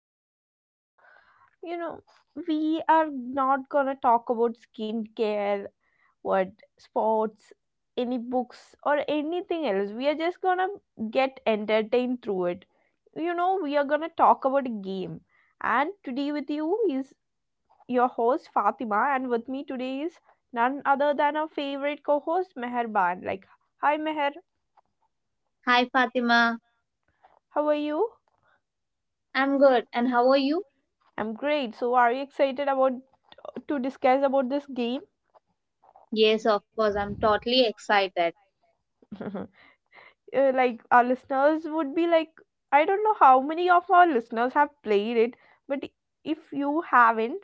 would say, because you know, we are not gonna talk about skincare, what sports, any books, or anything else. We are just gonna get entertained through it. We are gonna talk about a game. And today with you is your host Fatima, and with me today is none other than our favorite co-host Meherban. Hi Meher, Hi Fatima, how are you? I'm good. And how are you? I'm great. So, are you excited about to discuss about this game? Yes, of course, I'm totally excited. Like our listeners would be like, I don't know how many of our listeners have played it, but if you haven't,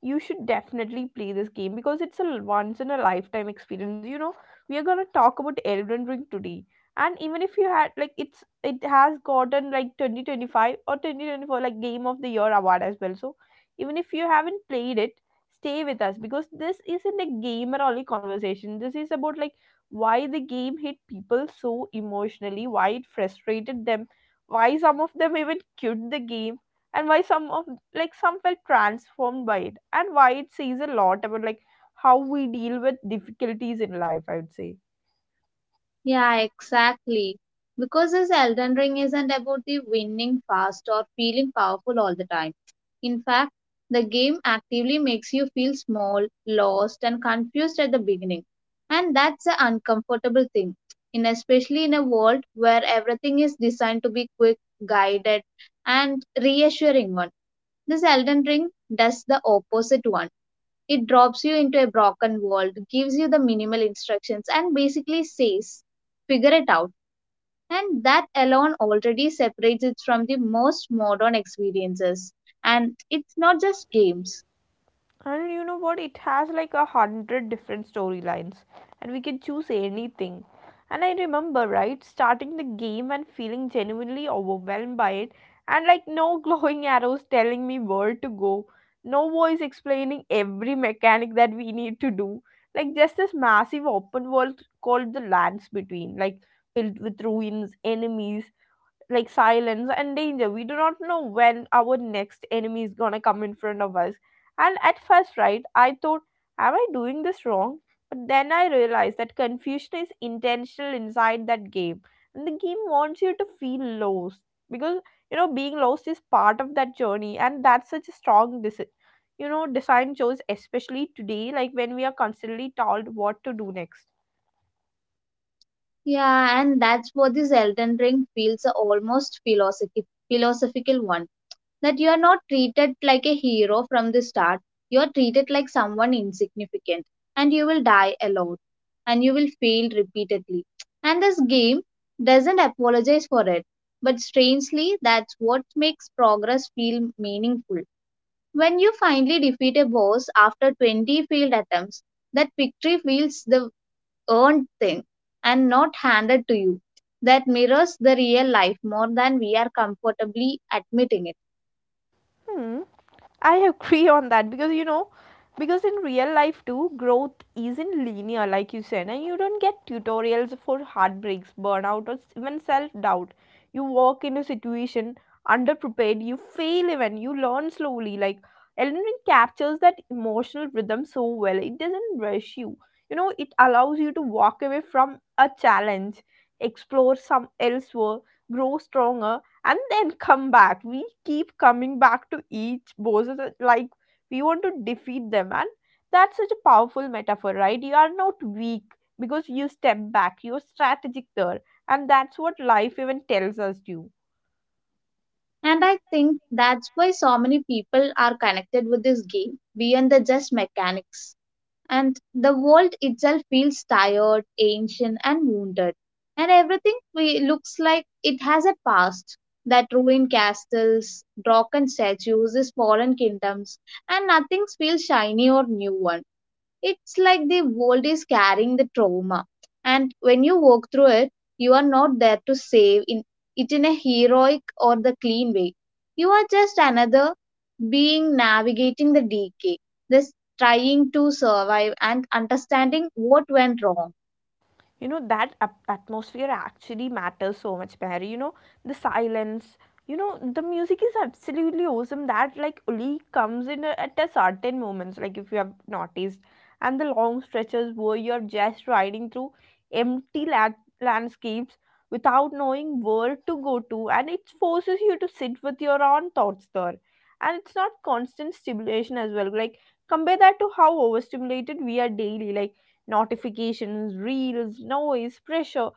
you should definitely play this game because it's a once in a lifetime experience. We are going to talk about Elden Ring today. And even if you had like, it has gotten like 2025 or 2024 like game of the year award as well. So even if you haven't played it, stay with us, because this isn't a gamer only conversation. This is about like why the game hit people so emotionally, why it frustrated them, why some of them even quit the game, and why some of like some felt transformed by it, and why it says a lot about like how we deal with difficulties in life, I would say. Yeah, exactly. Because this Elden Ring isn't about the winning fast or feeling powerful all the time. In fact, the game actively makes you feel small, lost, and confused at the beginning. And that's an uncomfortable thing, in especially in a world where everything is designed to be quick, guided, and reassuring one. This Elden Ring does the opposite one. It drops you into a broken world, gives you the minimal instructions, and basically says, figure it out. And that alone already separates it from the most modern experiences. And it's not just games. And you know what? It has like a hundred different storylines, and we can choose anything. And I remember, right, starting the game and feeling genuinely overwhelmed by it, and like no glowing arrows telling me where to go, no voice explaining every mechanic that we need to do. Like just this massive open world called the Lands Between, like filled with ruins, enemies, like silence and danger. We do not know when our next enemy is gonna come in front of us. And at first, right, I thought, am I doing this wrong? But then I realized that confusion is intentional inside that game. And the game wants you to feel lost because being lost is part of that journey, and that's such a strong decision. You know, design chose especially today, like when we are constantly told what to do next. Yeah, and that's what this Elden Ring feels a almost philosophical one that you are not treated like a hero from the start. You are treated like someone insignificant, and you will die alone, and you will fail repeatedly. And this game doesn't apologize for it, but strangely, that's what makes progress feel meaningful. When you finally defeat a boss after 20 failed attempts, that victory feels the earned thing and not handed to you. That mirrors the real life more than we are comfortably admitting it. Hmm. I agree on that because because in real life too, growth isn't linear, like you said, and you don't get tutorials for heartbreaks, burnout, or even self doubt. You walk in a situation underprepared, you fail even, you learn slowly. Like Elden Ring captures that emotional rhythm so well, it doesn't rush you. You know, it allows you to walk away from a challenge, explore some elsewhere, grow stronger, and then come back. We keep coming back to each boss as a- like we want to defeat them, and that's such a powerful metaphor, right? You are not weak because you step back, you're strategic there, and that's what life even tells us to. And I think that's why so many people are connected with this game beyond the just mechanics. And the world itself feels tired, ancient, and wounded. And everything looks like it has a past that ruined castles, broken statues, these fallen kingdoms, and nothing feels shiny or new one. It's like the world is carrying the trauma, and when you walk through it, you are not there to save in it in a heroic or the clean way. You are just another being navigating the decay, this trying to survive and understanding what went wrong. You know that atmosphere actually matters so much, Mary. You know, the silence, you know, the music is absolutely awesome, that like only comes at a certain moments, like if you have noticed, and the long stretches where you're just riding through empty landscapes without knowing where to go to. And it forces you to sit with your own thoughts there. And it's not constant stimulation as well, like compare that to how overstimulated we are daily, like notifications, reels, noise, pressure.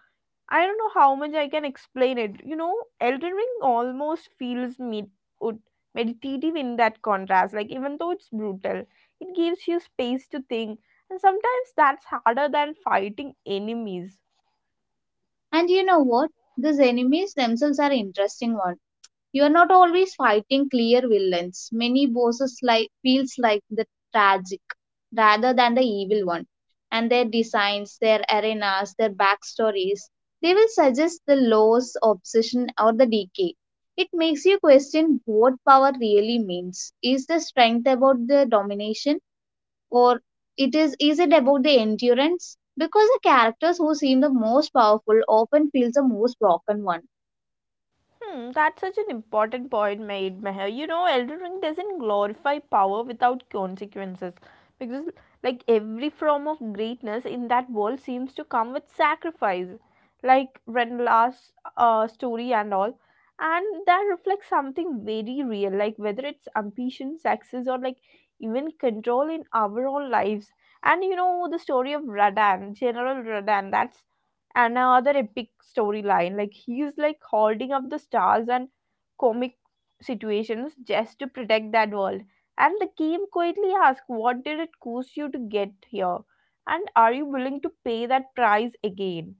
I don't know how much I can explain it. You know, Elden Ring almost feels ud- meditative in that contrast. Like, even though it's brutal, it gives you space to think. And sometimes that's harder than fighting enemies. And you know what, these enemies themselves are interesting one. You are not always fighting clear villains. Many bosses like feels like the tragic rather than the evil one. And their designs, their arenas, their backstories, they will suggest the loss, obsession, or the decay. It makes you question what power really means. Is the strength about the domination, or it is it about the endurance? Because the characters who seem the most powerful often feel the most broken one. Hmm, that's such an important point made, Meher. You know, Elden Ring doesn't glorify power without consequences because, like, every form of greatness in that world seems to come with sacrifice, like Renla's story and all. And that reflects something very real, like whether it's ambition, success, or like even control in our own lives. And you know, the story of Radan, General Radan, that's and another epic storyline. Like he's like holding up the stars and comic situations just to protect that world. And the game quietly asks, what did it cost you to get here? And are you willing to pay that price again?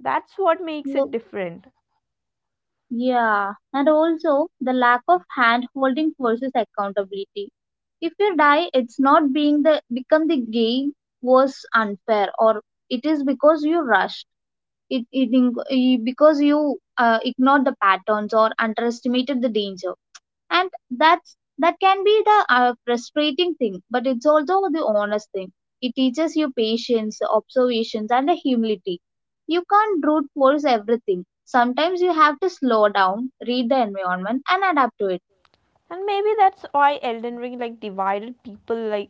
That's what makes it So, different. yeah, and also the lack of hand holding versus accountability. If you die, it's not being the become the game was unfair, or it is because you rushed. Because you ignored the patterns or underestimated the danger, and that's that can be the frustrating thing, but it's also the honest thing. It teaches you patience, observations, and a humility. You can't brute force everything. Sometimes you have to slow down, read the environment, and adapt to it. And maybe that's why Elden Ring like divided people like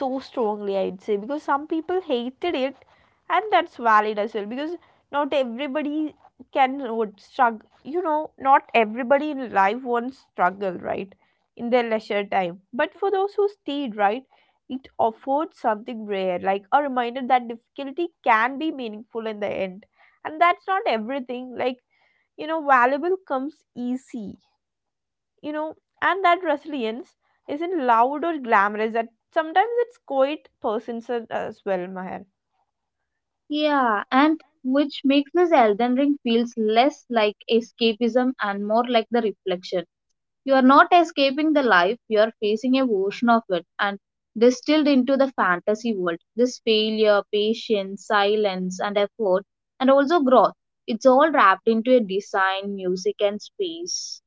so strongly, I'd say, because some people hated it, and that's valid as well because not everybody can would struggle. You know, not everybody in life wants struggle, right, in their leisure time. But for those who stayed, right, it offered something rare, like a reminder that difficulty can be meaningful in the end. And that's not everything like, you know, valuable comes easy, you know, and that resilience isn't loud or glamorous. That sometimes it's quite persistent as well, Maher. Yeah, and which makes this Elden Ring feels less like escapism and more like the reflection. You are not escaping the life, you are facing a version of it and distilled into the fantasy world. This failure, patience, silence, and effort, and also growth. It's all wrapped into a design, music, and space.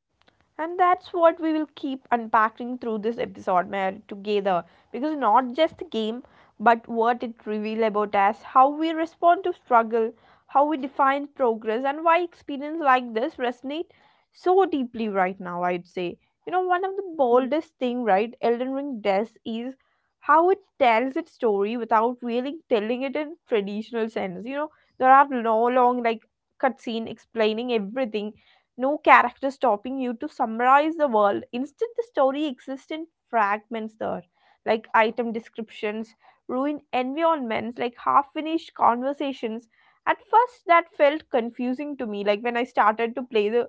And that's what we will keep unpacking through this episode, Mary, together, because not just the game but what it reveals about us, how we respond to struggle, how we define progress, and why experience like this resonate so deeply right now, I'd say. You know, one of the boldest thing, right, Elden Ring does is how it tells its story without really telling it in traditional sense. You know, there are no long like cutscene explaining everything, no character stopping you to summarize the world. Instead, the story exists in fragments there, like item descriptions, ruined environments, like half finished conversations. At first, that felt confusing to me, like when I started to play the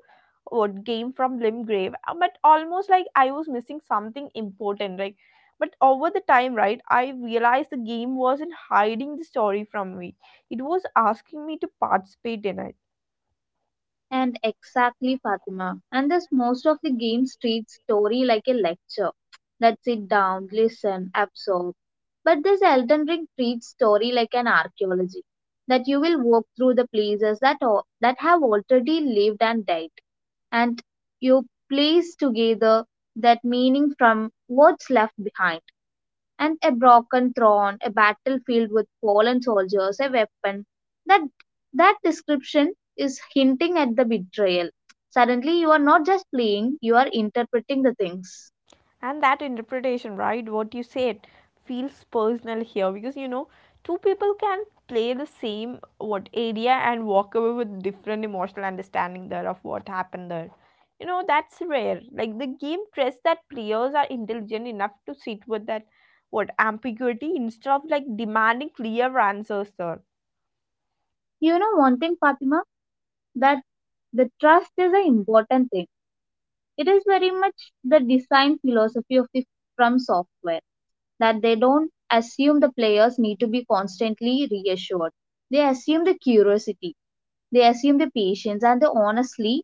what game from Limgrave, but almost like I was missing something important. Like, but over the time, right, I realized the game wasn't hiding the story from me; it was asking me to participate in it. And exactly, Fatima. And thus, most of the games treat story like a lecture that sit down, listen, absorb. But this Elden Ring treats story like an archaeology that you will walk through the places that that have already lived and died, and you place together that meaning from what's left behind, and a broken throne, a battlefield with fallen soldiers, a weapon. That that description is hinting at the betrayal. Suddenly, you are not just playing; you are interpreting the things. And that interpretation, right, what you said, feels personal here, because you know, two people can play the same what area and walk away with different emotional understanding there of what happened there. You know, that's rare, like the game trusts that players are intelligent enough to sit with that what ambiguity instead of like demanding clear answers there. You know one thing, Fatima, that the trust is an important thing. It is very much the design philosophy of the From Software, that they don't assume the players need to be constantly reassured. They assume the curiosity, they assume the patience, and the honestly,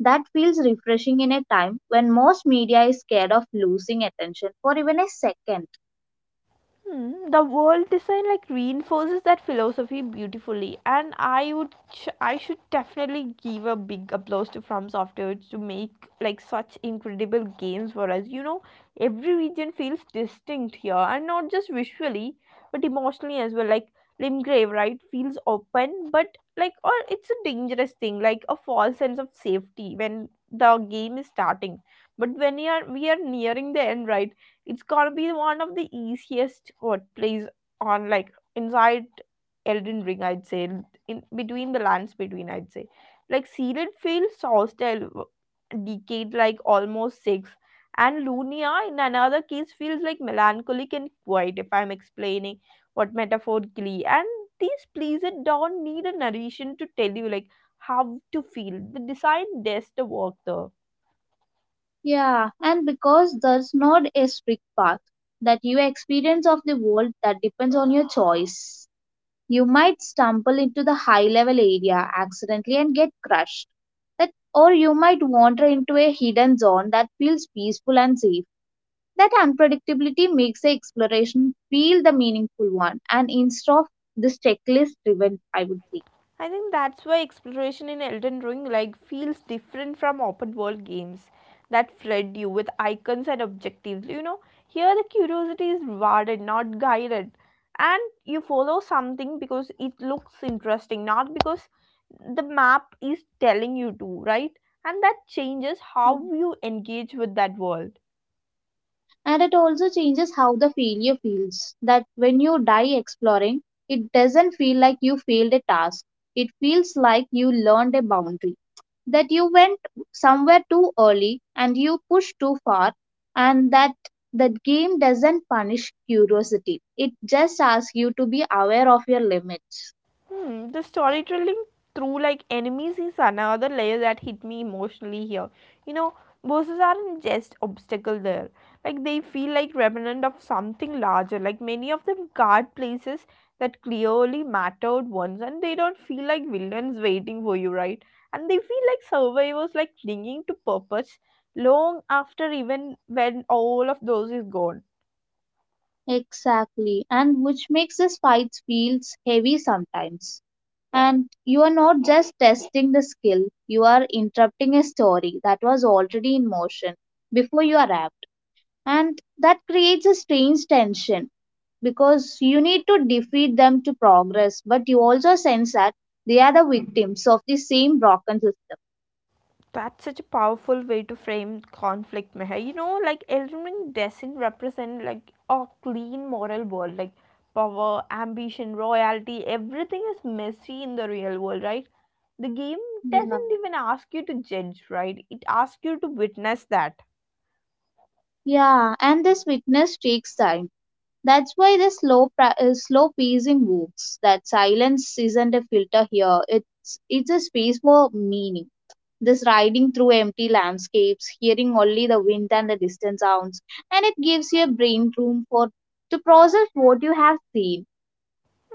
that feels refreshing in a time when most media is scared of losing attention for even a second. Hmm, the world design like reinforces that philosophy beautifully, and I would I should definitely give a big applause to From Software to make like such incredible games for us. You know, every region feels distinct here, and not just visually but emotionally as well. Like Limgrave, right, feels open, but like, or it's a dangerous thing, like a false sense of safety when the game is starting. But when you are we are nearing the end, right, it's gonna be one of the easiest workplays on like inside Elden Ring, I'd say, in between the lands between, I'd say. Like Sealed Field, Sawstell, decayed like almost six, and Lunia in another case feels like melancholic and quiet, if I'm explaining what metaphorically. And these pleased don't need a narration to tell you like how to feel. The design does the work though. Yeah, and because there's not a strict path, that your experience of the world that depends on your choice. You might stumble into the high level area accidentally and get crushed. That, or you might wander into a hidden zone that feels peaceful and safe. That unpredictability makes the exploration feel the meaningful one, and instead of this checklist driven, I would say. I think that's why exploration in Elden Ring like feels different from open world games that flood you with icons and objectives. You know, here the curiosity is rewarded, not guided. And you follow something because it looks interesting, not because the map is telling you to, right? And that changes how you engage with that world. And it also changes how the failure feels. That when you die exploring, it doesn't feel like you failed a task, it feels like you learned a boundary, that you went somewhere too early and you pushed too far, and that that game doesn't punish curiosity, it just asks you to be aware of your limits. Hmm, the storytelling through like enemies is another layer that hit me emotionally here. You know, bosses aren't just obstacle there. Like they feel like remnant of something larger. Like many of them guard places that clearly mattered once, and they don't feel like villains waiting for you, right? And they feel like survivors like clinging to purpose long after, even when all of those is gone. Exactly, and which makes this fight feels heavy sometimes. And you are not just testing the skill, you are interrupting a story that was already in motion before you arrived. And that creates a strange tension, because you need to defeat them to progress, but you also sense that they are the victims of the same broken system. That's such a powerful way to frame conflict, Meher. You know, like Elden Ring doesn't represent like a clean moral world, like power, ambition, royalty, everything is messy in the real world, right? The game Yeah. doesn't even ask you to judge, right? It asks you to witness that. Yeah, and this weakness takes time. That's why the slow pacing works, that silence isn't a filter here, it's a space for meaning. This riding through empty landscapes, hearing only the wind and the distant sounds, and it gives your brain room for to process what you have seen.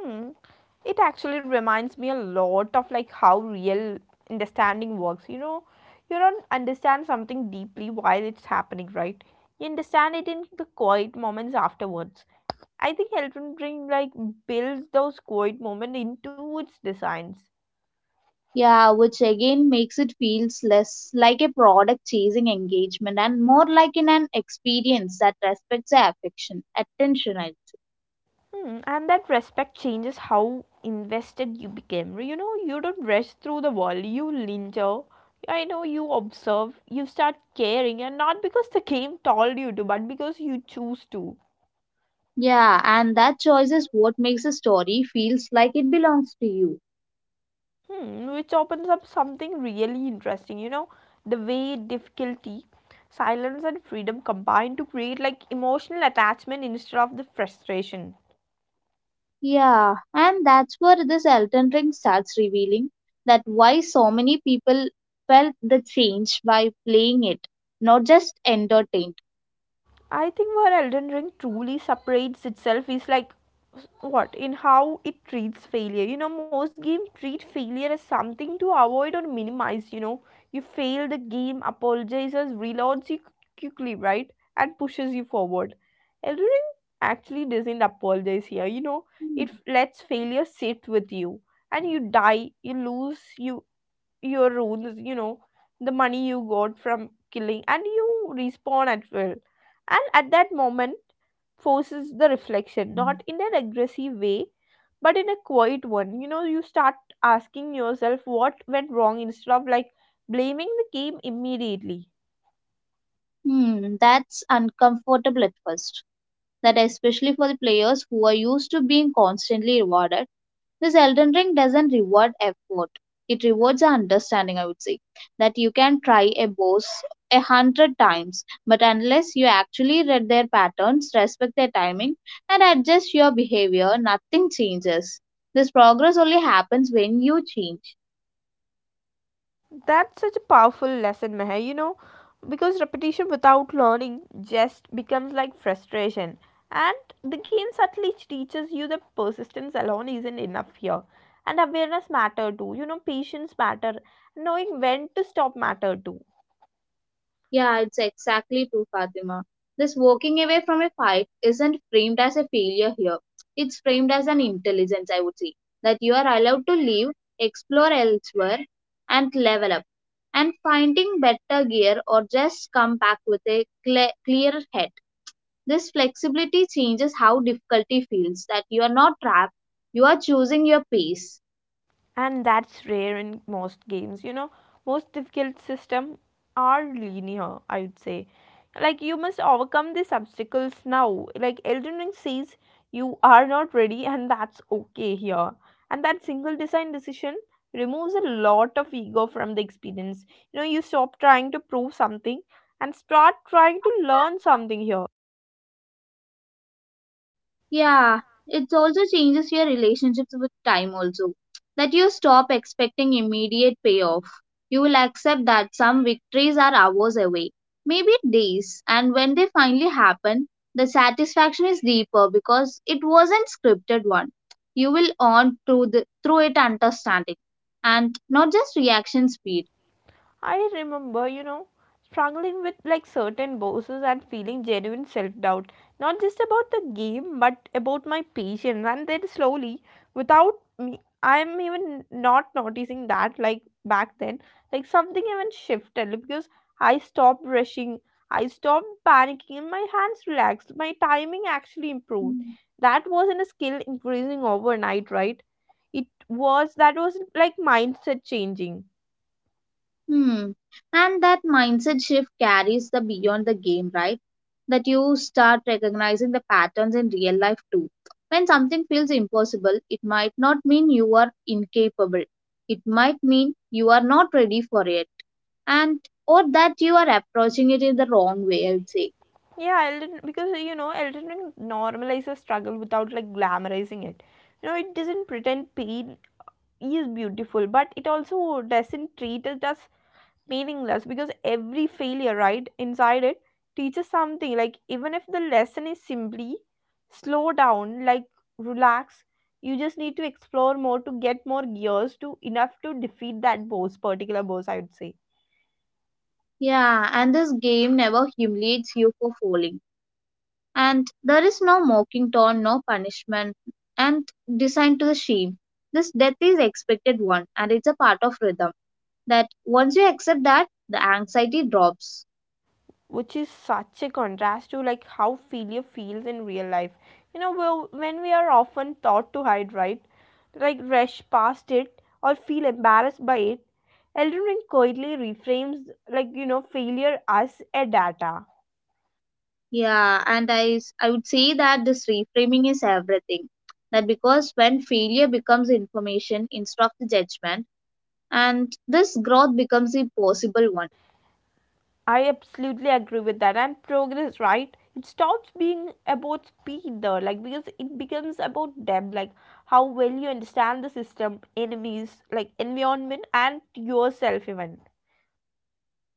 Hmm. It actually reminds me a lot of like how real understanding works. You know, you don't understand something deeply while it's happening, right? You understand it in the quiet moments afterwards. I think Elden Ring like builds those quiet moments into its designs. Yeah, which again makes it feels less like a product chasing engagement and more like in an experience that respects the affection, attention, I would say. Hmm, and that respect changes how invested you become. You know, you don't rush through the wall, you linger. I know you observe, you start caring, and not because the game told you to, but because you choose to. Yeah, and that choice is what makes a story feels like it belongs to you. Hmm, which opens up something really interesting. You know, the way difficulty, silence, and freedom combine to create like emotional attachment instead of the frustration. Yeah, and that's where this Elton Ring starts revealing that why so many people felt the change by playing it, not just entertained. I think where Elden Ring truly separates itself is like what in how it treats failure. You know, most games treat failure as something to avoid or minimize. You know, you fail, the game apologizes, reloads you quickly, right, and pushes you forward. Elden Ring actually doesn't apologize here. You know, it lets failure sit with you, and you die, you lose, you your rules the money you got from killing and you respawn at will, and at that moment forces the reflection, not in an aggressive way but in a quiet one. You start asking yourself what went wrong instead of blaming the game immediately. Hmm, that's uncomfortable at first. That especially for the players who are used to being constantly rewarded. This Elden Ring doesn't reward effort. It rewards our understanding, I would say. That you can try a boss 100 times, but unless you actually read their patterns, respect their timing, and adjust your behavior, nothing changes. This progress only happens when you change. That's such a powerful lesson, Meher, you know, because repetition without learning just becomes frustration. And the game subtly teaches you that persistence alone isn't enough here. And awareness matter too, you know, patience matter, knowing when to stop matter too. Yeah, it's exactly true, Fatima. This walking away from a fight isn't framed as a failure here. It's framed as an intelligence, I would say, that you are allowed to leave, explore elsewhere, and level up. And finding better gear or just come back with a clear head. This flexibility changes how difficulty feels, that you are not trapped, you are choosing your pace. And that's rare in most games. Most difficult system are linear, I would say. Like, you must overcome these obstacles now. Like, Elden Ring says you are not ready, and that's okay here. And that single design decision removes a lot of ego from the experience. You know, you stop trying to prove something and start trying to learn something here. Yeah, it also changes your relationships with time, also. That you stop expecting immediate payoff. You will accept that some victories are hours away, maybe days, and when they finally happen, the satisfaction is deeper because it wasn't scripted one. You will earn through it understanding and not just reaction speed. I remember, you know, struggling with certain bosses and feeling genuine self doubt, not just about the game, but about my patience. And then slowly, without me, I'm even not noticing that back then, like something even shifted because I stopped rushing, I stopped panicking, and my hands relaxed. My timing actually improved. That wasn't a skill increasing overnight, right? It was that was like mindset changing. Hmm. And that mindset shift carries the beyond the game, right? That you start recognizing the patterns in real life too. When something feels impossible, it might not mean you are incapable. It might mean you are not ready for it. And or that you are approaching it in the wrong way, I'd say. Yeah, Elden because you know Elden Ring normalizes struggle without glamorizing it. You know, it doesn't pretend pain is beautiful, but it also doesn't treat it as meaningless because every failure, right, inside it teaches something. Like, even if the lesson is simply slow down, like relax, you just need to explore more to get more gears to enough to defeat that boss, particular boss I would say. Yeah, and this game never humiliates you for falling. And there is no mocking tone, no punishment, and designed to the shame. This death is expected one, and it's a part of rhythm. That once you accept that, the anxiety drops. Which is such a contrast to how failure feels in real life. Well, when we are often taught to hide, right, like rush past it or feel embarrassed by it, Elden Ring quietly reframes, failure as a data. Yeah, and I would say that this reframing is everything. That because when failure becomes information instead of the judgment, and this growth becomes a possible one. I absolutely agree with that. And progress, right, it stops being about speed though, like, because it becomes about depth, like how well you understand the system enemies, like environment and yourself even.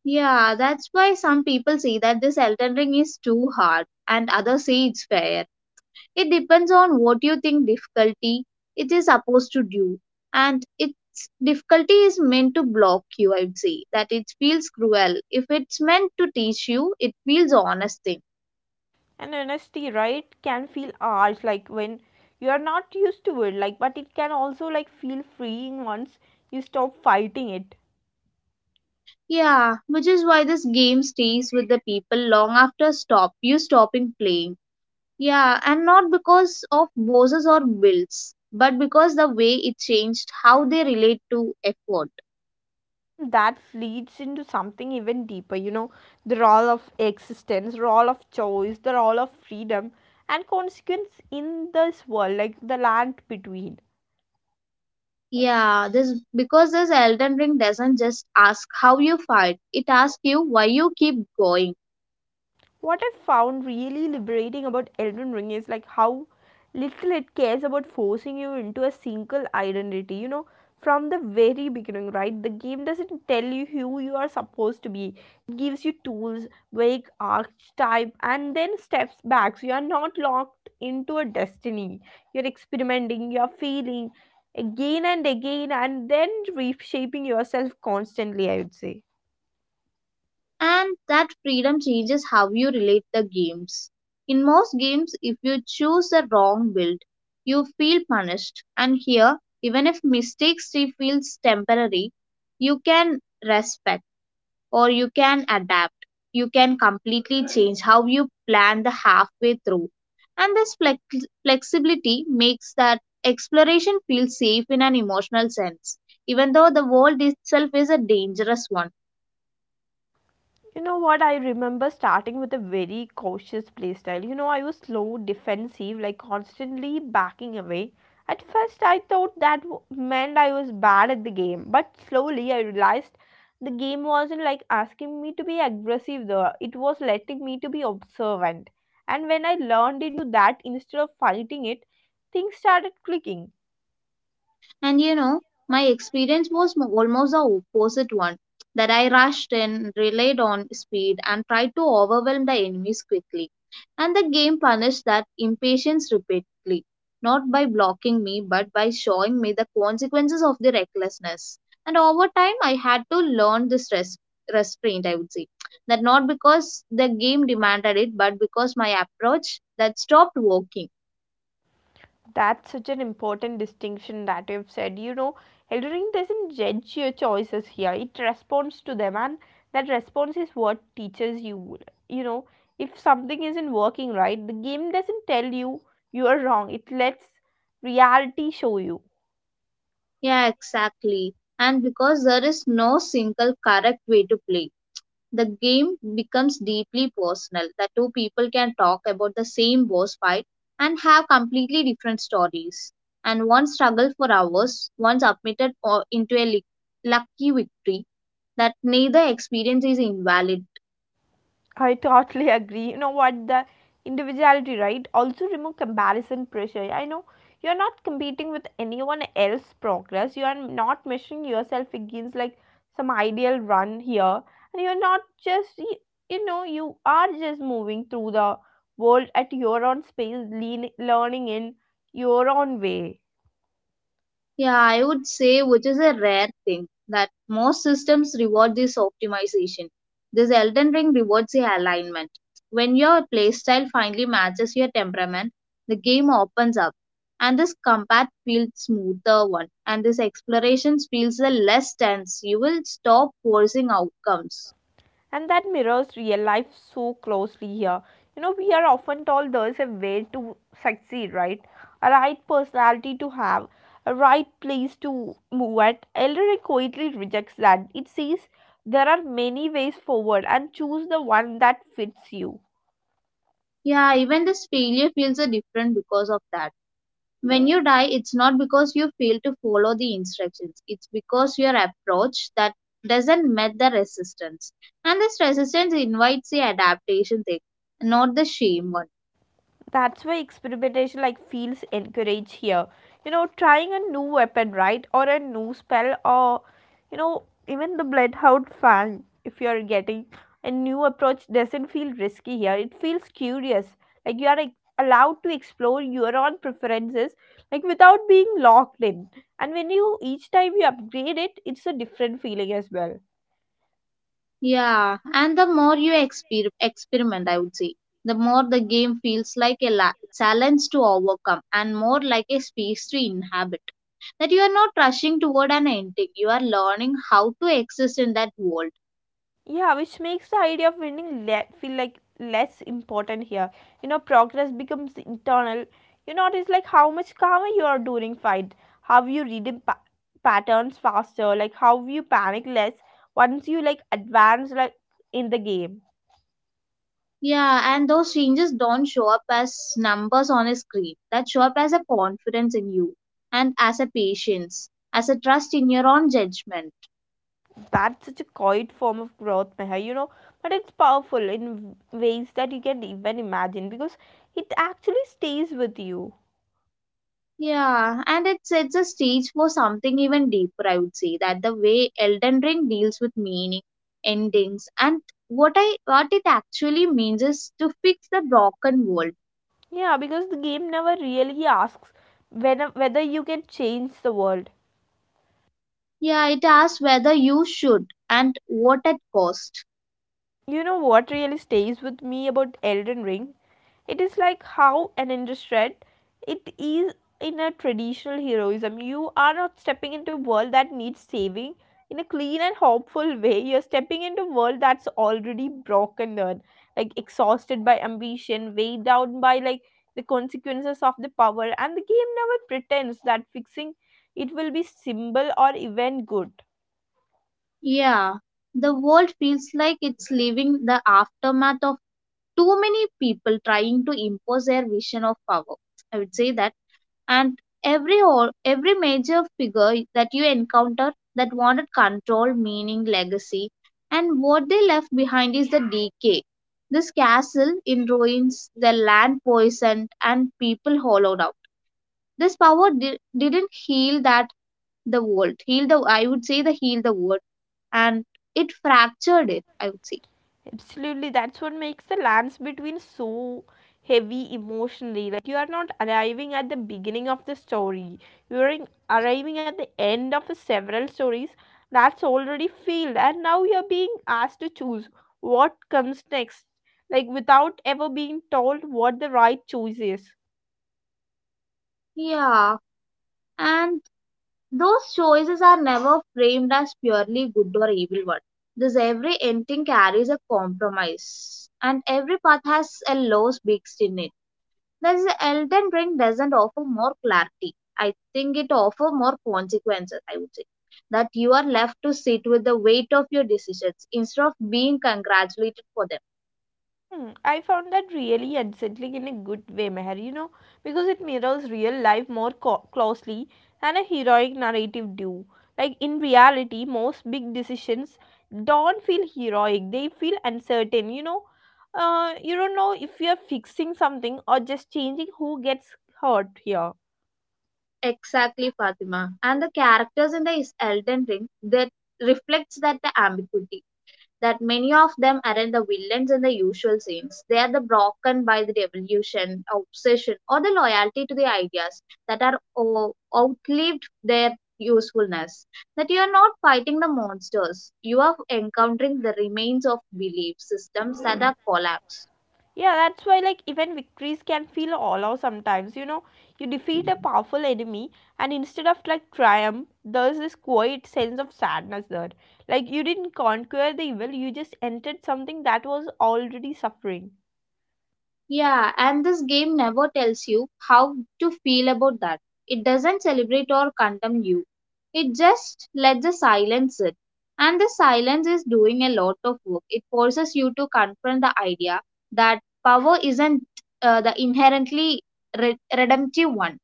Yeah, that's why some people say that this Elden Ring is too hard, and others say it's fair. It depends on what you think difficulty it is supposed to do. And its difficulty is meant to block you, I would say. That it feels cruel. If it's meant to teach you, it feels honest thing. And honesty, right, can feel harsh, like when you are not used to it, like, but it can also feel freeing once you stop fighting it. Yeah, which is why this game stays with the people long after stop you stopping playing. Yeah, and not because of bosses or bills, but because the way it changed how they relate to effort. That leads into something even deeper. You know, the role of existence, role of choice, the role of freedom and consequence in this world, like the land between. Yeah, this because this Elden Ring doesn't just ask how you fight, it asks you why you keep going. What I found really liberating about Elden Ring is how little it cares about forcing you into a single identity, you know, from the very beginning, right? The game doesn't tell you who you are supposed to be. It gives you tools, vague archetype, and then steps back. So you are not locked into a destiny. You're experimenting, you're feeling again and again, and then reshaping yourself constantly, I would say. And that freedom changes how you relate the games. In most games, if you choose the wrong build, you feel punished. And here, even if mistakes feel temporary, you can respect, or you can adapt. You can completely change how you plan the halfway through. And this flexibility makes that exploration feel safe in an emotional sense, even though the world itself is a dangerous one. You know what? I remember starting with a very cautious playstyle. You know, I was slow, defensive, like constantly backing away. At first, I thought that meant I was bad at the game, but slowly I realized the game wasn't asking me to be aggressive though. It was letting me to be observant. And when I learned into that instead of fighting it, things started clicking. And you know, my experience was almost the opposite one, that I rushed in, relied on speed, and tried to overwhelm the enemies quickly. And the game punished that impatience repeatedly, not by blocking me, but by showing me the consequences of the recklessness. And over time, I had to learn this restraint, I would say. That not because the game demanded it, but because my approach that stopped working. That's such an important distinction that you've said. You know, Eldering doesn't judge your choices here, it responds to them, and that response is what teaches you. You know, if something isn't working right, the game doesn't tell you you are wrong, it lets reality show you. Yeah, exactly. And because there is no single correct way to play, the game becomes deeply personal. The two people can talk about the same boss fight and have completely different stories. And one struggled for hours, one submitted into a lucky victory, that neither experience is invalid. I totally agree. You know what? The individuality, right? Also remove comparison pressure. I know you're not competing with anyone else's progress. You are not measuring yourself against some ideal run here. And you're not just, you know, you are just moving through the world at your own space, learning in your own way. Yeah, I would say, which is a rare thing, that most systems reward this optimization. This Elden Ring rewards the alignment. When your playstyle finally matches your temperament, the game opens up, and this combat feels smoother one, and this exploration feels a less tense. You will stop forcing outcomes. And that mirrors real life so closely here. You know, we are often told there's a way to succeed, right? A right personality to have, a right place to move at. Elderly quietly rejects that. It says there are many ways forward and choose the one that fits you. Yeah, even this failure feels a different because of that. When you die, it's not because you fail to follow the instructions, it's because your approach that doesn't met the resistance. And this resistance invites the adaptation thing, not the shame one. That's why experimentation feels encouraged here. You know, trying a new weapon, right? Or a new spell, or you know, even the bloodhound fang if you're getting a new approach doesn't feel risky here. It feels curious. Like, you are like, allowed to explore your own preferences without being locked in. And when you each time you upgrade it, it's a different feeling as well. Yeah, and the more you experiment, I would say, the more the game feels like a challenge to overcome and more like a space to inhabit. That you are not rushing toward an ending, you are learning how to exist in that world. Yeah, which makes the idea of winning feel like less important here. You know, progress becomes internal. You notice how much calmer you are during fight, how you read the patterns faster, like how you panic less once you like advance in the game. Yeah, and those changes don't show up as numbers on a screen. That show up as a confidence in you and as a patience, as a trust in your own judgment. That's such a quiet form of growth, Meher, you know, but it's powerful in ways that you can even imagine because it actually stays with you. Yeah, and it sets a stage for something even deeper, I would say, that the way Elden Ring deals with meaning, endings, and what it actually means is to fix the broken world. Yeah, because the game never really asks when, whether you can change the world. Yeah, it asks whether you should and what at cost. You know what really stays with me about Elden Ring? It is how an industry it is in a traditional heroism. You are not stepping into a world that needs saving in a clean and hopeful way. You're stepping into a world that's already broken down, like exhausted by ambition, weighed down by the consequences of the power, and the game never pretends that fixing it will be simple or even good. Yeah. The world feels like it's living the aftermath of too many people trying to impose their vision of power, I would say, that and every or every major figure that you encounter that wanted control, meaning, legacy, and what they left behind is the decay, this castle in ruins, the land poisoned and people hollowed out. This power didn't heal that. The world heal the, I would say, the heal the world, and it fractured it, I would say. Absolutely, that's what makes the lands between so heavy emotionally. Like, you are not arriving at the beginning of the story. You are arriving at the end of several stories that's already failed, and now you are being asked to choose what comes next, like without ever being told what the right choice is. Yeah, and those choices are never framed as purely good or evil one. Thus every ending carries a compromise and every path has a loss mixed in it. Thus Elden Ring doesn't offer more clarity. I think it offers more consequences, I would say. That you are left to sit with the weight of your decisions instead of being congratulated for them. Hmm, I found that really unsettling in a good way, Meher, you know, because it mirrors real life more closely than a heroic narrative do. Like in reality, most big decisions don't feel heroic, they feel uncertain, you know. You don't know if you're fixing something or just changing who gets hurt here. Exactly, Fatima. And the characters in the Elden Ring that reflects that the ambiguity, that many of them aren't the villains in the usual sense. They are the broken by the revolution, obsession, or the loyalty to the ideas that are outlived their usefulness. That you are not fighting the monsters, you are encountering the remains of belief systems that are collapsed. Yeah, that's why even victories can feel hollow sometimes. You know, you defeat a powerful enemy, and instead of triumph, there's this quiet sense of sadness there. Like, you didn't conquer the evil, you just entered something that was already suffering. Yeah, and this game never tells you how to feel about that. It doesn't celebrate or condemn you. It just lets the silence sit. And the silence is doing a lot of work. It forces you to confront the idea that power isn't, the inherently redemptive one.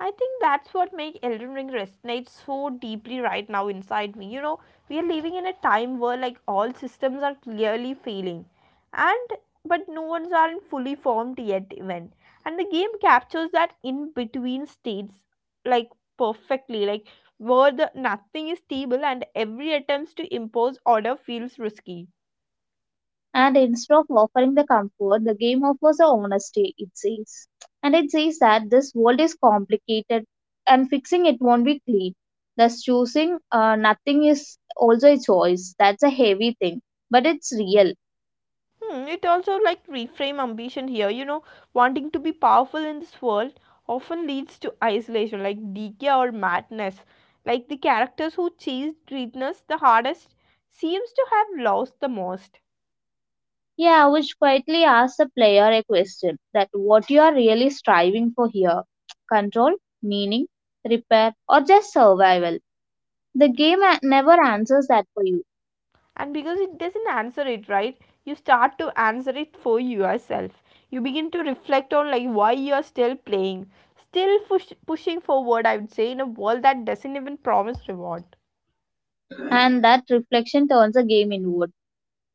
I think that's what makes Elden Ring resonate so deeply right now inside me. You know, we are living in a time where all systems are clearly failing, and but no one's aren't fully formed yet even, and the game captures that in between states like perfectly, like where the nothing is stable and every attempts to impose order feels risky. And instead of offering the comfort, the game offers the honesty, it says. And it says that this world is complicated and fixing it won't be clean. Thus, choosing nothing is also a choice. That's a heavy thing, but it's real. Hmm, it also reframe ambition here. You know, wanting to be powerful in this world often leads to isolation, like decay or madness. Like the characters who chase greatness the hardest seems to have lost the most. Yeah, which quietly asks the player a question, that what you are really striving for here: control, meaning, repair, or just survival. The game never answers that for you. And because it doesn't answer it right, you start to answer it for yourself. You begin to reflect on why you are still playing, still pushing forward. I would say in a world that doesn't even promise reward. And that reflection turns the game inward,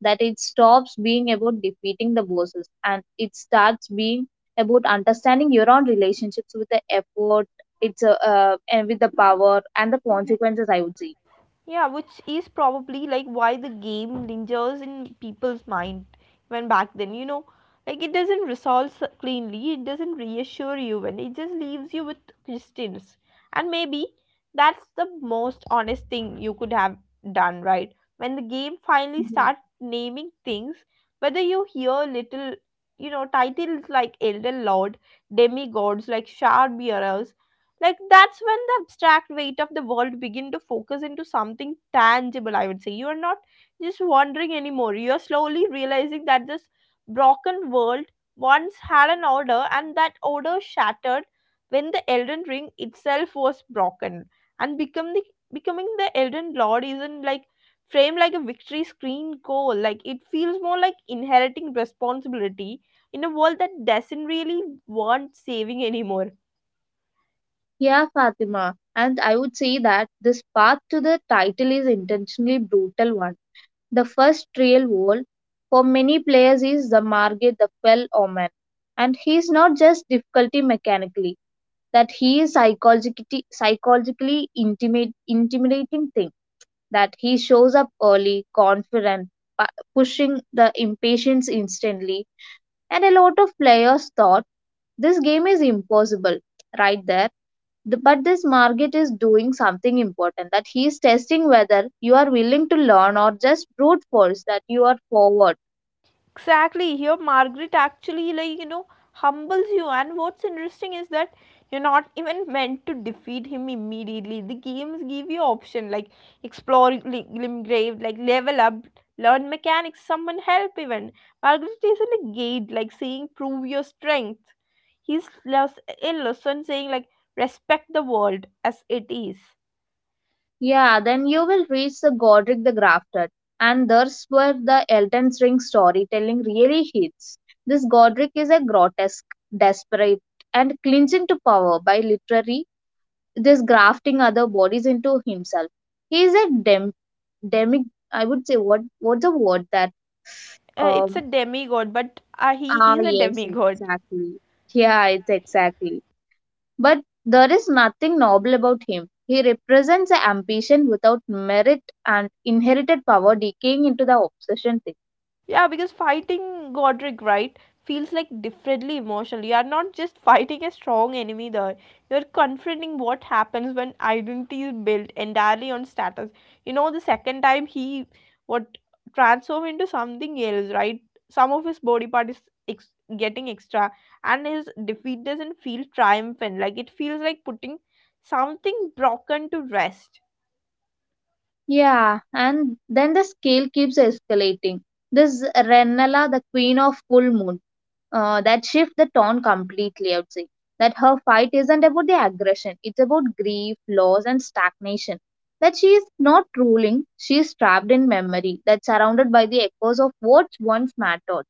that it stops being about defeating the bosses and it starts being about understanding your own relationships with the effort. And with the power and the consequences, I would say. Yeah, which is probably why the game lingers in people's mind when back then, you know, it doesn't resolve cleanly, it doesn't reassure you, and it just leaves you with questions. And maybe that's the most honest thing you could have done, right? When the game finally Mhm. start naming things, whether you hear little, you know, titles like Elder Lord, demigods like Shard, like that's when the abstract weight of the world begin to focus into something tangible, I would say. You are not just wandering anymore, you are slowly realizing that this broken world once had an order, and that order shattered when the Elden Ring itself was broken, and become the, becoming the Elden Lord isn't framed like a victory screen goal. Like, it feels more like inheriting responsibility in a world that doesn't really want saving anymore. Yeah, Fatima, and I would say that this path to the title is intentionally brutal one. The first real goal for many players is the Margate the Fell Omen, and he is not just difficulty mechanically, that he is psychologically intimidating thing, that he shows up early, confident, pushing the impatience instantly, and a lot of players thought this game is impossible right there. But this market is doing something important, that he is testing whether you are willing to learn or just brute force that you are forward. Exactly. Here, Margaret actually, like, you know, humbles you. And what's interesting is that you're not even meant to defeat him immediately. The games give you option like explore Glimgrave, like level up, learn mechanics, summon help even. Margaret isn't a gate, like saying prove your strength. He's less a lesson saying like respect the world as it is. Yeah, then you will reach the Godric the Grafted. And that's where the Elden Ring storytelling really hits. This Godric is a grotesque, desperate, and clinging to power by literally this grafting other bodies into himself. He is a demic, I would say, what what's the word that, It's a um demigod, but he ah, is a yes, demigod. exactly. Yeah, it's exactly, but there is nothing noble about him. He represents the ambition without merit and inherited power decaying into the obsession thing. Yeah, because fighting Godric, right, feels like differently emotional. You are not just fighting a strong enemy there. You're confronting what happens when identity is built entirely on status. You know, the second time he what transform into something else, right? Some of his body part is getting extra, and his defeat doesn't feel triumphant. Like it feels like putting something broken to rest. Yeah, and then the scale keeps escalating. This Renala, the queen of full moon, that shifts the tone completely, I would say. That her fight isn't about the aggression, it's about grief, loss, and stagnation. That she is not ruling, she is trapped in memory, that's surrounded by the echoes of what once mattered.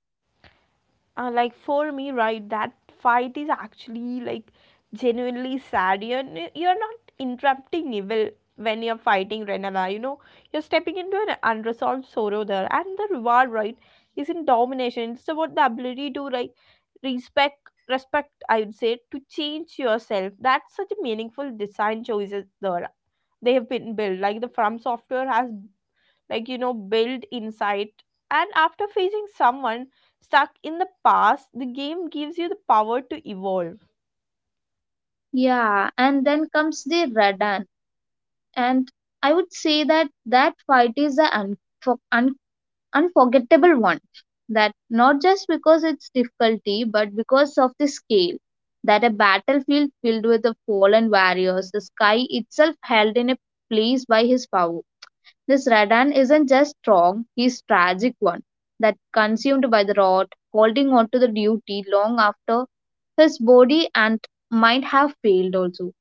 Like for me, right, that fight is actually like genuinely sad. You're, you're not interrupting evil when you're fighting Renala, you know, you're stepping into an unresolved sorrow there. And the reward, right, is in domination. It's about the ability to like respect respect, I would say, to change yourself. That's such a meaningful design choices there. They have been built like the, from software has like, you know, build insight, and after facing someone stuck in the past, the game gives you the power to evolve. Yeah, and then comes the Radan, and I would say that that fight is the un- unforgettable one, that not just because its difficulty but because of the scale, that a battlefield filled with the fallen warriors, the sky itself held in a place by his power. This Radan isn't just strong, he's tragic one, that consumed by the rot, holding on to the duty long after his body and mind have failed also.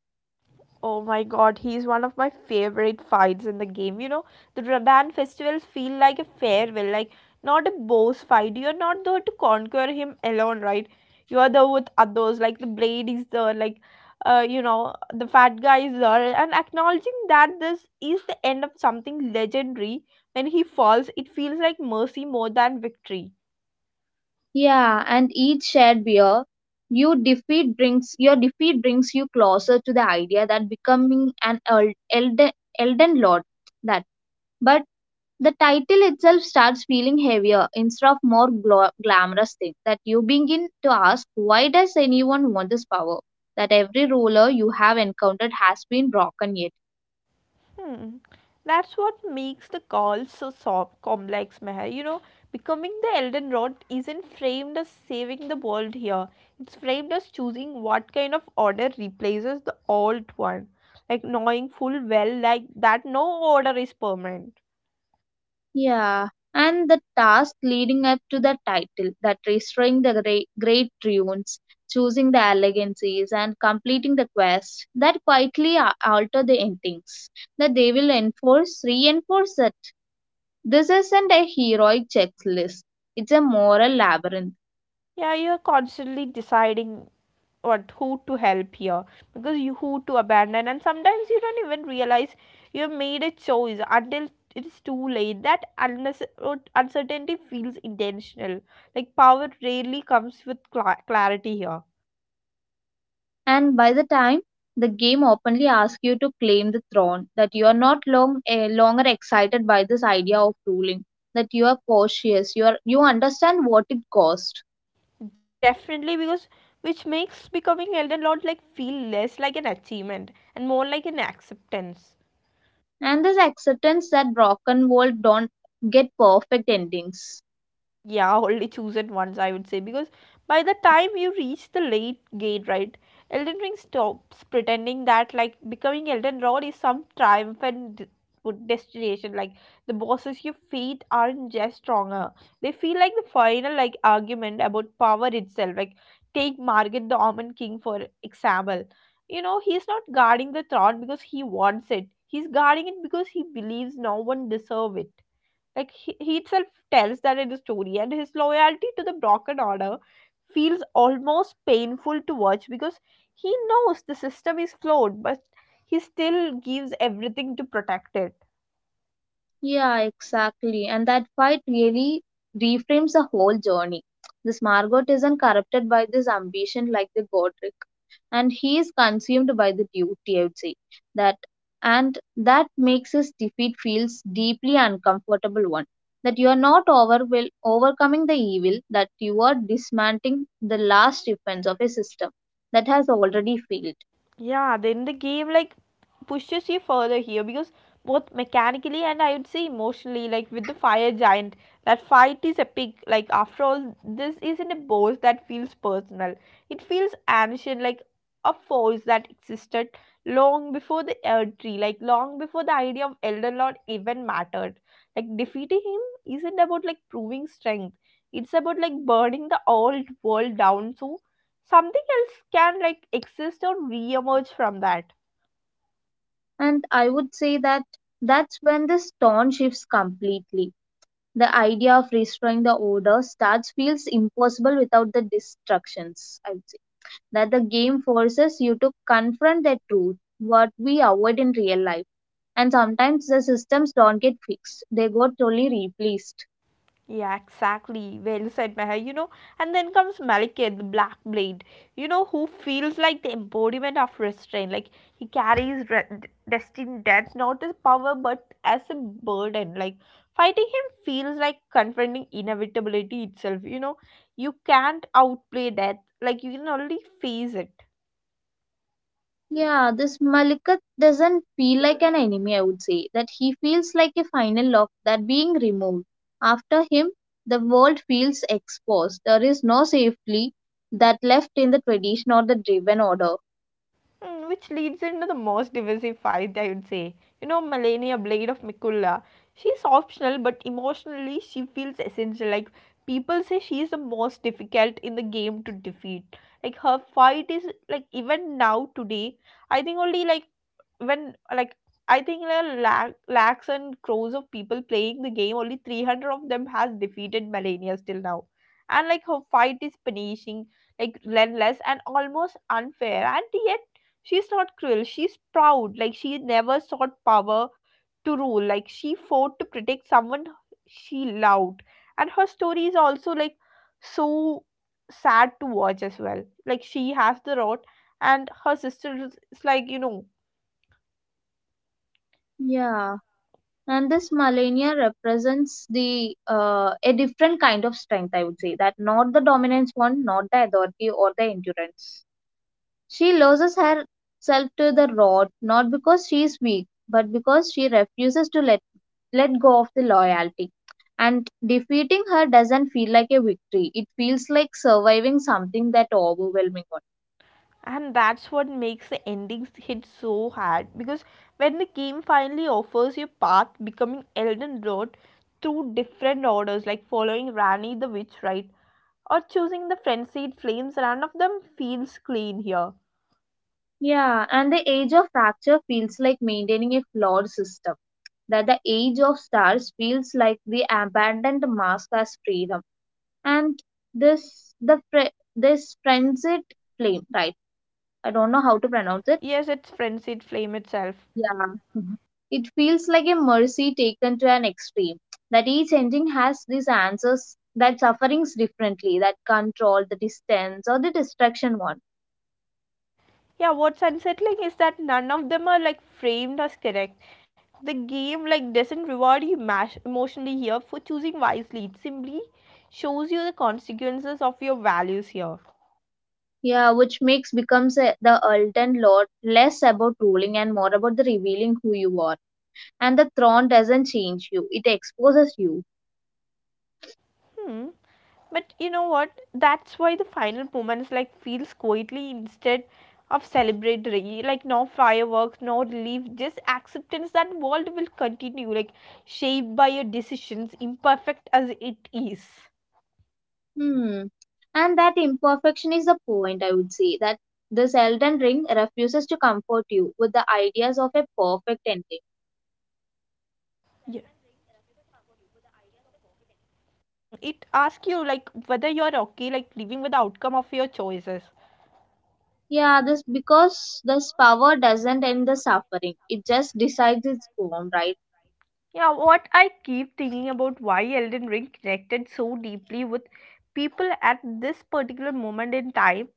Oh my god, he's one of my favorite fights in the game. You know, the Radan festivals feel like a farewell, like not a boss fight. You're not there to conquer him alone, right? You are there with others, like the blade is there, like the fat guy is there, and acknowledging that this is the end of something legendary. When he falls, it feels like mercy more than victory. Yeah, and each shared beer you defeat brings, your defeat brings you closer to the idea that becoming an elden lord, that but the title itself starts feeling heavier instead of more glamorous thing, that you begin to ask why does anyone want this power, that every ruler you have encountered has been broken yet. Hmm. That's what makes the call so soft, complex, Meher. You know, becoming the Elden Rod isn't framed as saving the world here. It's framed as choosing what kind of order replaces the old one. Like knowing full well like that no order is permanent. Yeah, and the task leading up to the title, that restoring the great ruins, choosing the elegancies, and completing the quest, that quietly alter the endings. That they will reinforce that this isn't a heroic checklist; it's a moral labyrinth. Yeah, you're constantly deciding what, who to help here, because you, who to abandon, and sometimes you don't even realize you have made a choice until it is too late. That uncertainty feels intentional, like power rarely comes with clarity here. And by the time the game openly asks you to claim the throne, that you are not longer excited by this idea of ruling, that you are cautious, you are you understand what it costs. Definitely, because which makes becoming elder lord like feel less like an achievement and more like an acceptance. And this acceptance that rock and world don't get perfect endings. Yeah, only chosen ones, I would say, because by the time you reach the late gate, right, Elden Ring stops pretending that like becoming Elden Rod is some triumphant good destination. Like the bosses you feet aren't just stronger; they feel like the final like argument about power itself. Like take Margaret the Almond King for example. You know, he's not guarding the throne because he wants it. He's guarding it because he believes no one deserves it. Like he itself tells that in the story, and his loyalty to the broken order feels almost painful to watch because he knows the system is flawed, but he still gives everything to protect it. Yeah, exactly. And that fight really reframes the whole journey. This Margot isn't corrupted by this ambition like the Godric, and he is consumed by the duty, I would say, that and that makes his defeat feels deeply uncomfortable one, that you are not overcoming the evil, that you are dismantling the last defense of a system that has already failed. Yeah, then the game like pushes you further here because both mechanically and I would say emotionally, like with the fire giant, that fight is epic. Like after all, this isn't a boss that feels personal. It feels ancient, like a force that existed long before the Earth Tree, like long before the idea of Elder Lord even mattered. Like defeating him isn't about like proving strength. It's about like burning the old world down so something else can like exist or re-emerge from that. And I would say that that's when the tone shifts completely. The idea of restoring the order starts feels impossible without the distractions, I would say, that the game forces you to confront the truth what we avoid in real life, and sometimes the systems don't get fixed, they got only replaced. Yeah, exactly, well said, Meher. You know, and then comes Malekith the Black Blade, you know, who feels like the embodiment of restraint. Like he carries destined death not as power but as a burden. Like fighting him feels like confronting inevitability itself. You know, you can't outplay death, like you can only face it. Yeah, this Malikat doesn't feel like an enemy, I would say, that he feels like a final lock that being removed. After him, the world feels exposed. There is no safely that left in the tradition or the driven order. Mm, which leads into the most divisive fight, I would say. You know, Melania Blade of Mikulla. She's optional, but emotionally, she feels essential. Like, people say she is the most difficult in the game to defeat. Like, her fight is, like, even now, today, I think only, like, when, like, I think there are lakhs and crores of people playing the game, only 300 of them has defeated Melania still now. And, like, her fight is punishing, like, relentless and almost unfair. And yet, she's not cruel, she's proud. Like she never sought power to rule. Like she fought to protect someone she loved. And her story is also like so sad to watch as well. Like she has the rot and her sister is like, you know, Yeah. And this Malenia represents the a different kind of strength, I would say, that not the dominance one, not the authority or the endurance. She loses herself to the rod not because she is weak, but because she refuses to let go of the loyalty. And defeating her doesn't feel like a victory, it feels like surviving something that overwhelming one. and that's what makes the endings hit so hard because when the game finally offers you path becoming Elden Road through different orders, like following Rani the witch, right, or choosing the frenzied flames. None of them feels clean here. Yeah, and the age of fracture feels like maintaining a flawed system. That the age of stars feels like the abandoned mask as freedom. And this the this frenzied flame, right? I don't know how to pronounce it. Yes, it's frenzied flame itself. Yeah. Mhm. It feels like a mercy taken to an extreme. That each ending has these answers that sufferings differently, that control, the distance, or the destruction one. Yeah, what's unsettling is that none of them are like framed as correct. The game like doesn't reward you emotionally here for choosing wisely. It simply shows you the consequences of your values here. Yeah, which makes becomes a, the ultimate lord less about ruling and more about the revealing who you are. And the throne doesn't change you; it exposes you. Hmm. But you know what? That's why the final moments like feels quietly instead of celebratory. Like no fireworks, no relief, just acceptance that world will continue, like shaped by your decisions, imperfect as it is. Hmm. And that imperfection is the point, I would say. That this Elden Ring refuses to comfort you with the ideas of a Yeah. perfect ending. It asks you like whether you are okay like living with the outcome of your choices. Yeah, this because this power doesn't end the suffering. It just decides its form, right? Yeah, what I keep thinking about why Elden Ring connected so deeply with people at this particular moment in time,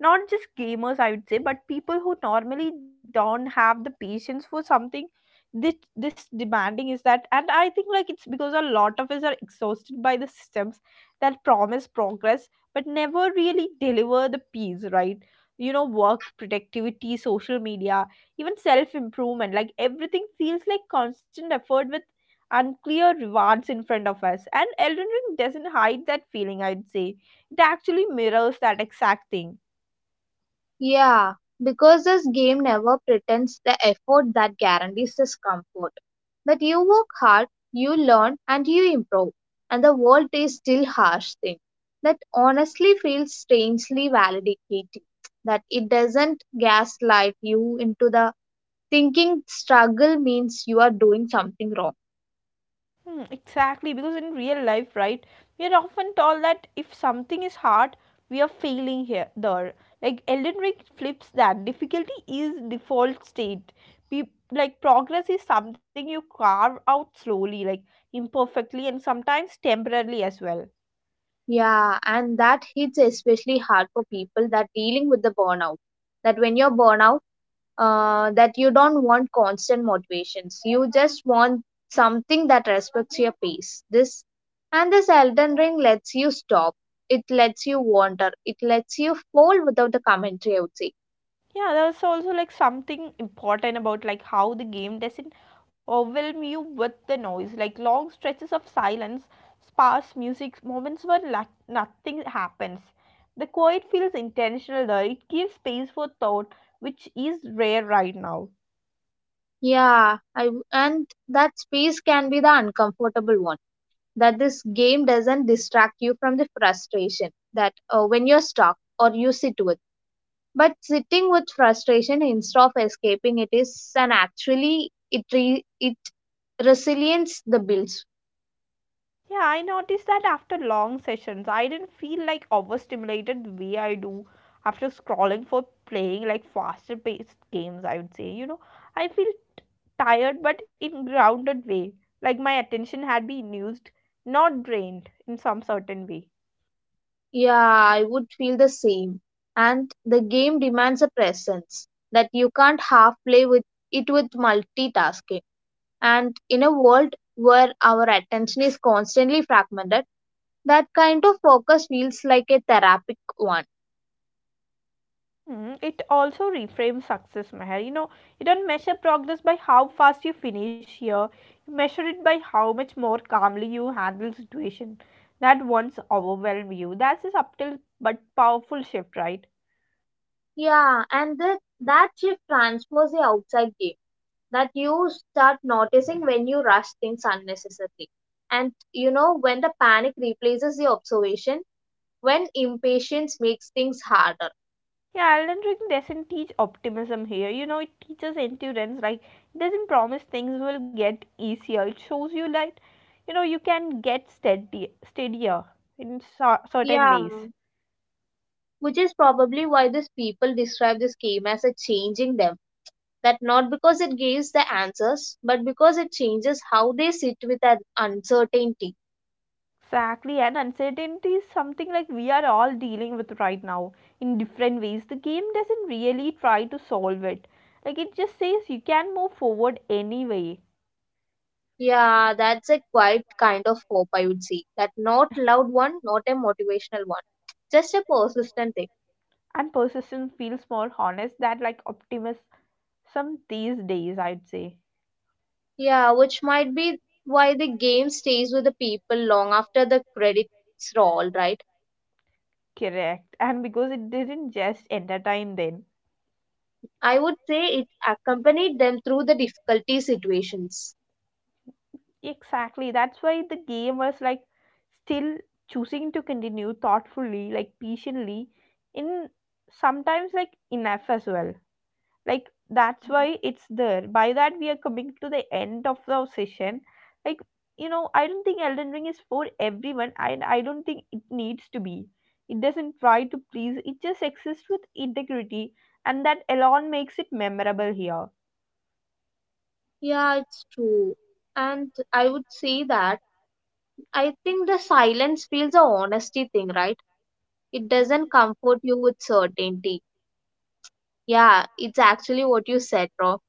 not just gamers, I would say, but people who normally don't have the patience for something this this demanding, is that, and I think like it's because a lot of us are exhausted by the systems that promise progress but never really deliver the peace, right? You know, work productivity, social media, even self improvement, like everything feels like constant effort with unclear rewards in front of us, and Elden Ring doesn't hide that feeling, I'd say. It actually mirrors that exact thing. Yeah, because this game never pretends the effort that guarantees this comfort. That you work hard, you learn, and you improve, and the world is still harsh thing. That honestly feels strangely validating. That it doesn't gaslight you into the thinking struggle means you are doing something wrong. Hmm, exactly, because in real life, right, we are often told that if something is hard, we are failing here there. Like Elden Ring flips that. Difficulty is default state. Peop like progress is something you carve out slowly, like imperfectly and sometimes temporarily as well. Yeah, and that hits especially hard for people that dealing with the burnout. That when you're burnout, that you don't want constant motivations. You just want something that respects your pace. This and this Elden Ring lets you stop. It lets you wander. It lets you fall without the commentary, I would say. Yeah, there's also like something important about like how the game doesn't overwhelm you with the noise. Like long stretches of silence, sparse music, moments where nothing happens. The quiet feels intentional though. It gives space for thought, which is rare right now. Yeah, I w and that space can be the uncomfortable one. That this game doesn't distract you from the frustration, that when you're stuck or you sit with. But sitting with frustration instead of escaping it is an actually it it resilience the builds. Yeah, I noticed that after long sessions, I didn't feel like overstimulated the way I do after scrolling for playing like faster paced games, I would say. You know, I feel t- tired but in grounded way. Like my attention had been used, not drained in some certain way. Yeah, I would feel the same. And the game demands a presence that you can't half play with it with multitasking. And in a world where our attention is constantly fragmented, that kind of focus feels like a therapeutic one. Hmm, it also reframes success, Meher. You know, you don't measure progress by how fast you finish here. You measure it by how much more calmly you handle situation that once overwhelmed you. That's a subtle but powerful shift, right? Yeah, and that shift transforms the outside game, that you start noticing when you rush things unnecessarily. And you know, when the panic replaces the observation, when impatience makes things harder. Yeah, Elden Ring doesn't teach optimism here. You know, it teaches endurance. Like, it doesn't promise things will get easier. It shows you that, you know, you can get steadier in certain Yeah. ways. Which is probably why these people describe this game as a changing them. That not because it gives the answers, but because it changes how they sit with that uncertainty. Exactly, and uncertainty is something like we are all dealing with right now in different ways. The game doesn't really try to solve it, like, it just says you can move forward anyway. Yeah, that's a quite kind of hope, I would say. That not loud one, not a motivational one, just a persistent thing. And persistence feels more honest than like optimism these days, I'd say. Yeah, which might be why the game stays with the people long after the credits roll, right? Correct. And because it didn't just entertain them. I would say it accompanied them through the difficulty situations. Exactly. That's why the game was like still choosing to continue thoughtfully, like patiently, in sometimes like enough as well, like that's why it's there. By that, we are coming to the end of the session. Like, you know, I don't think Elden Ring is for everyone, and I don't think it needs to be. It doesn't try to please. It just exists with integrity, and that alone makes it memorable here. Yeah, it's true. And I would say that I think the silence feels a honesty thing, right? It doesn't comfort you with certainty. Yeah, it's actually what you said, Rob.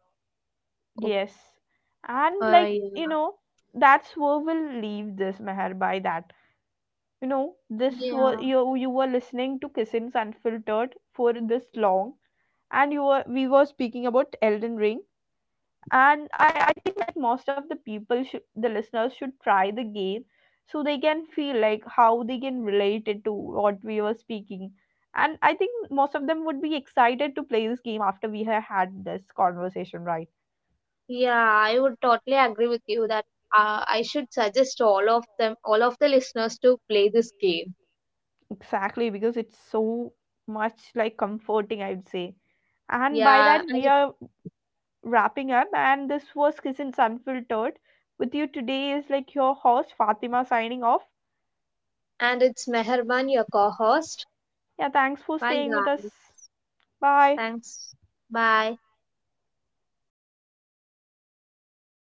Oh. Yes. And like, you Yeah. know, that's where we'll leave this, Meher, by that. You know, this was, Yeah. you were listening to Kissins Unfiltered for this long, and you were we were speaking about Elden Ring, and I think that most of the people should the listeners should try the game so they can feel like how they can relate it to what we were speaking. And I think most of them would be excited to play this game after we have had this conversation, right? Yeah, I would totally Yeah, agree I would with totally you agree that with you that I should I should suggest suggest all of the all of the listeners to listeners to play this play this game. game. Exactly, because it's so much like comforting, I'd say. And by Yeah, that, we and, are wrapping up. And this was Kisses Unfiltered. With you today is like your host, Fatima, signing off. and it's Meherban, your co-host. Yeah, thanks for Bye, staying with guys. us. Bye. Thanks. Bye.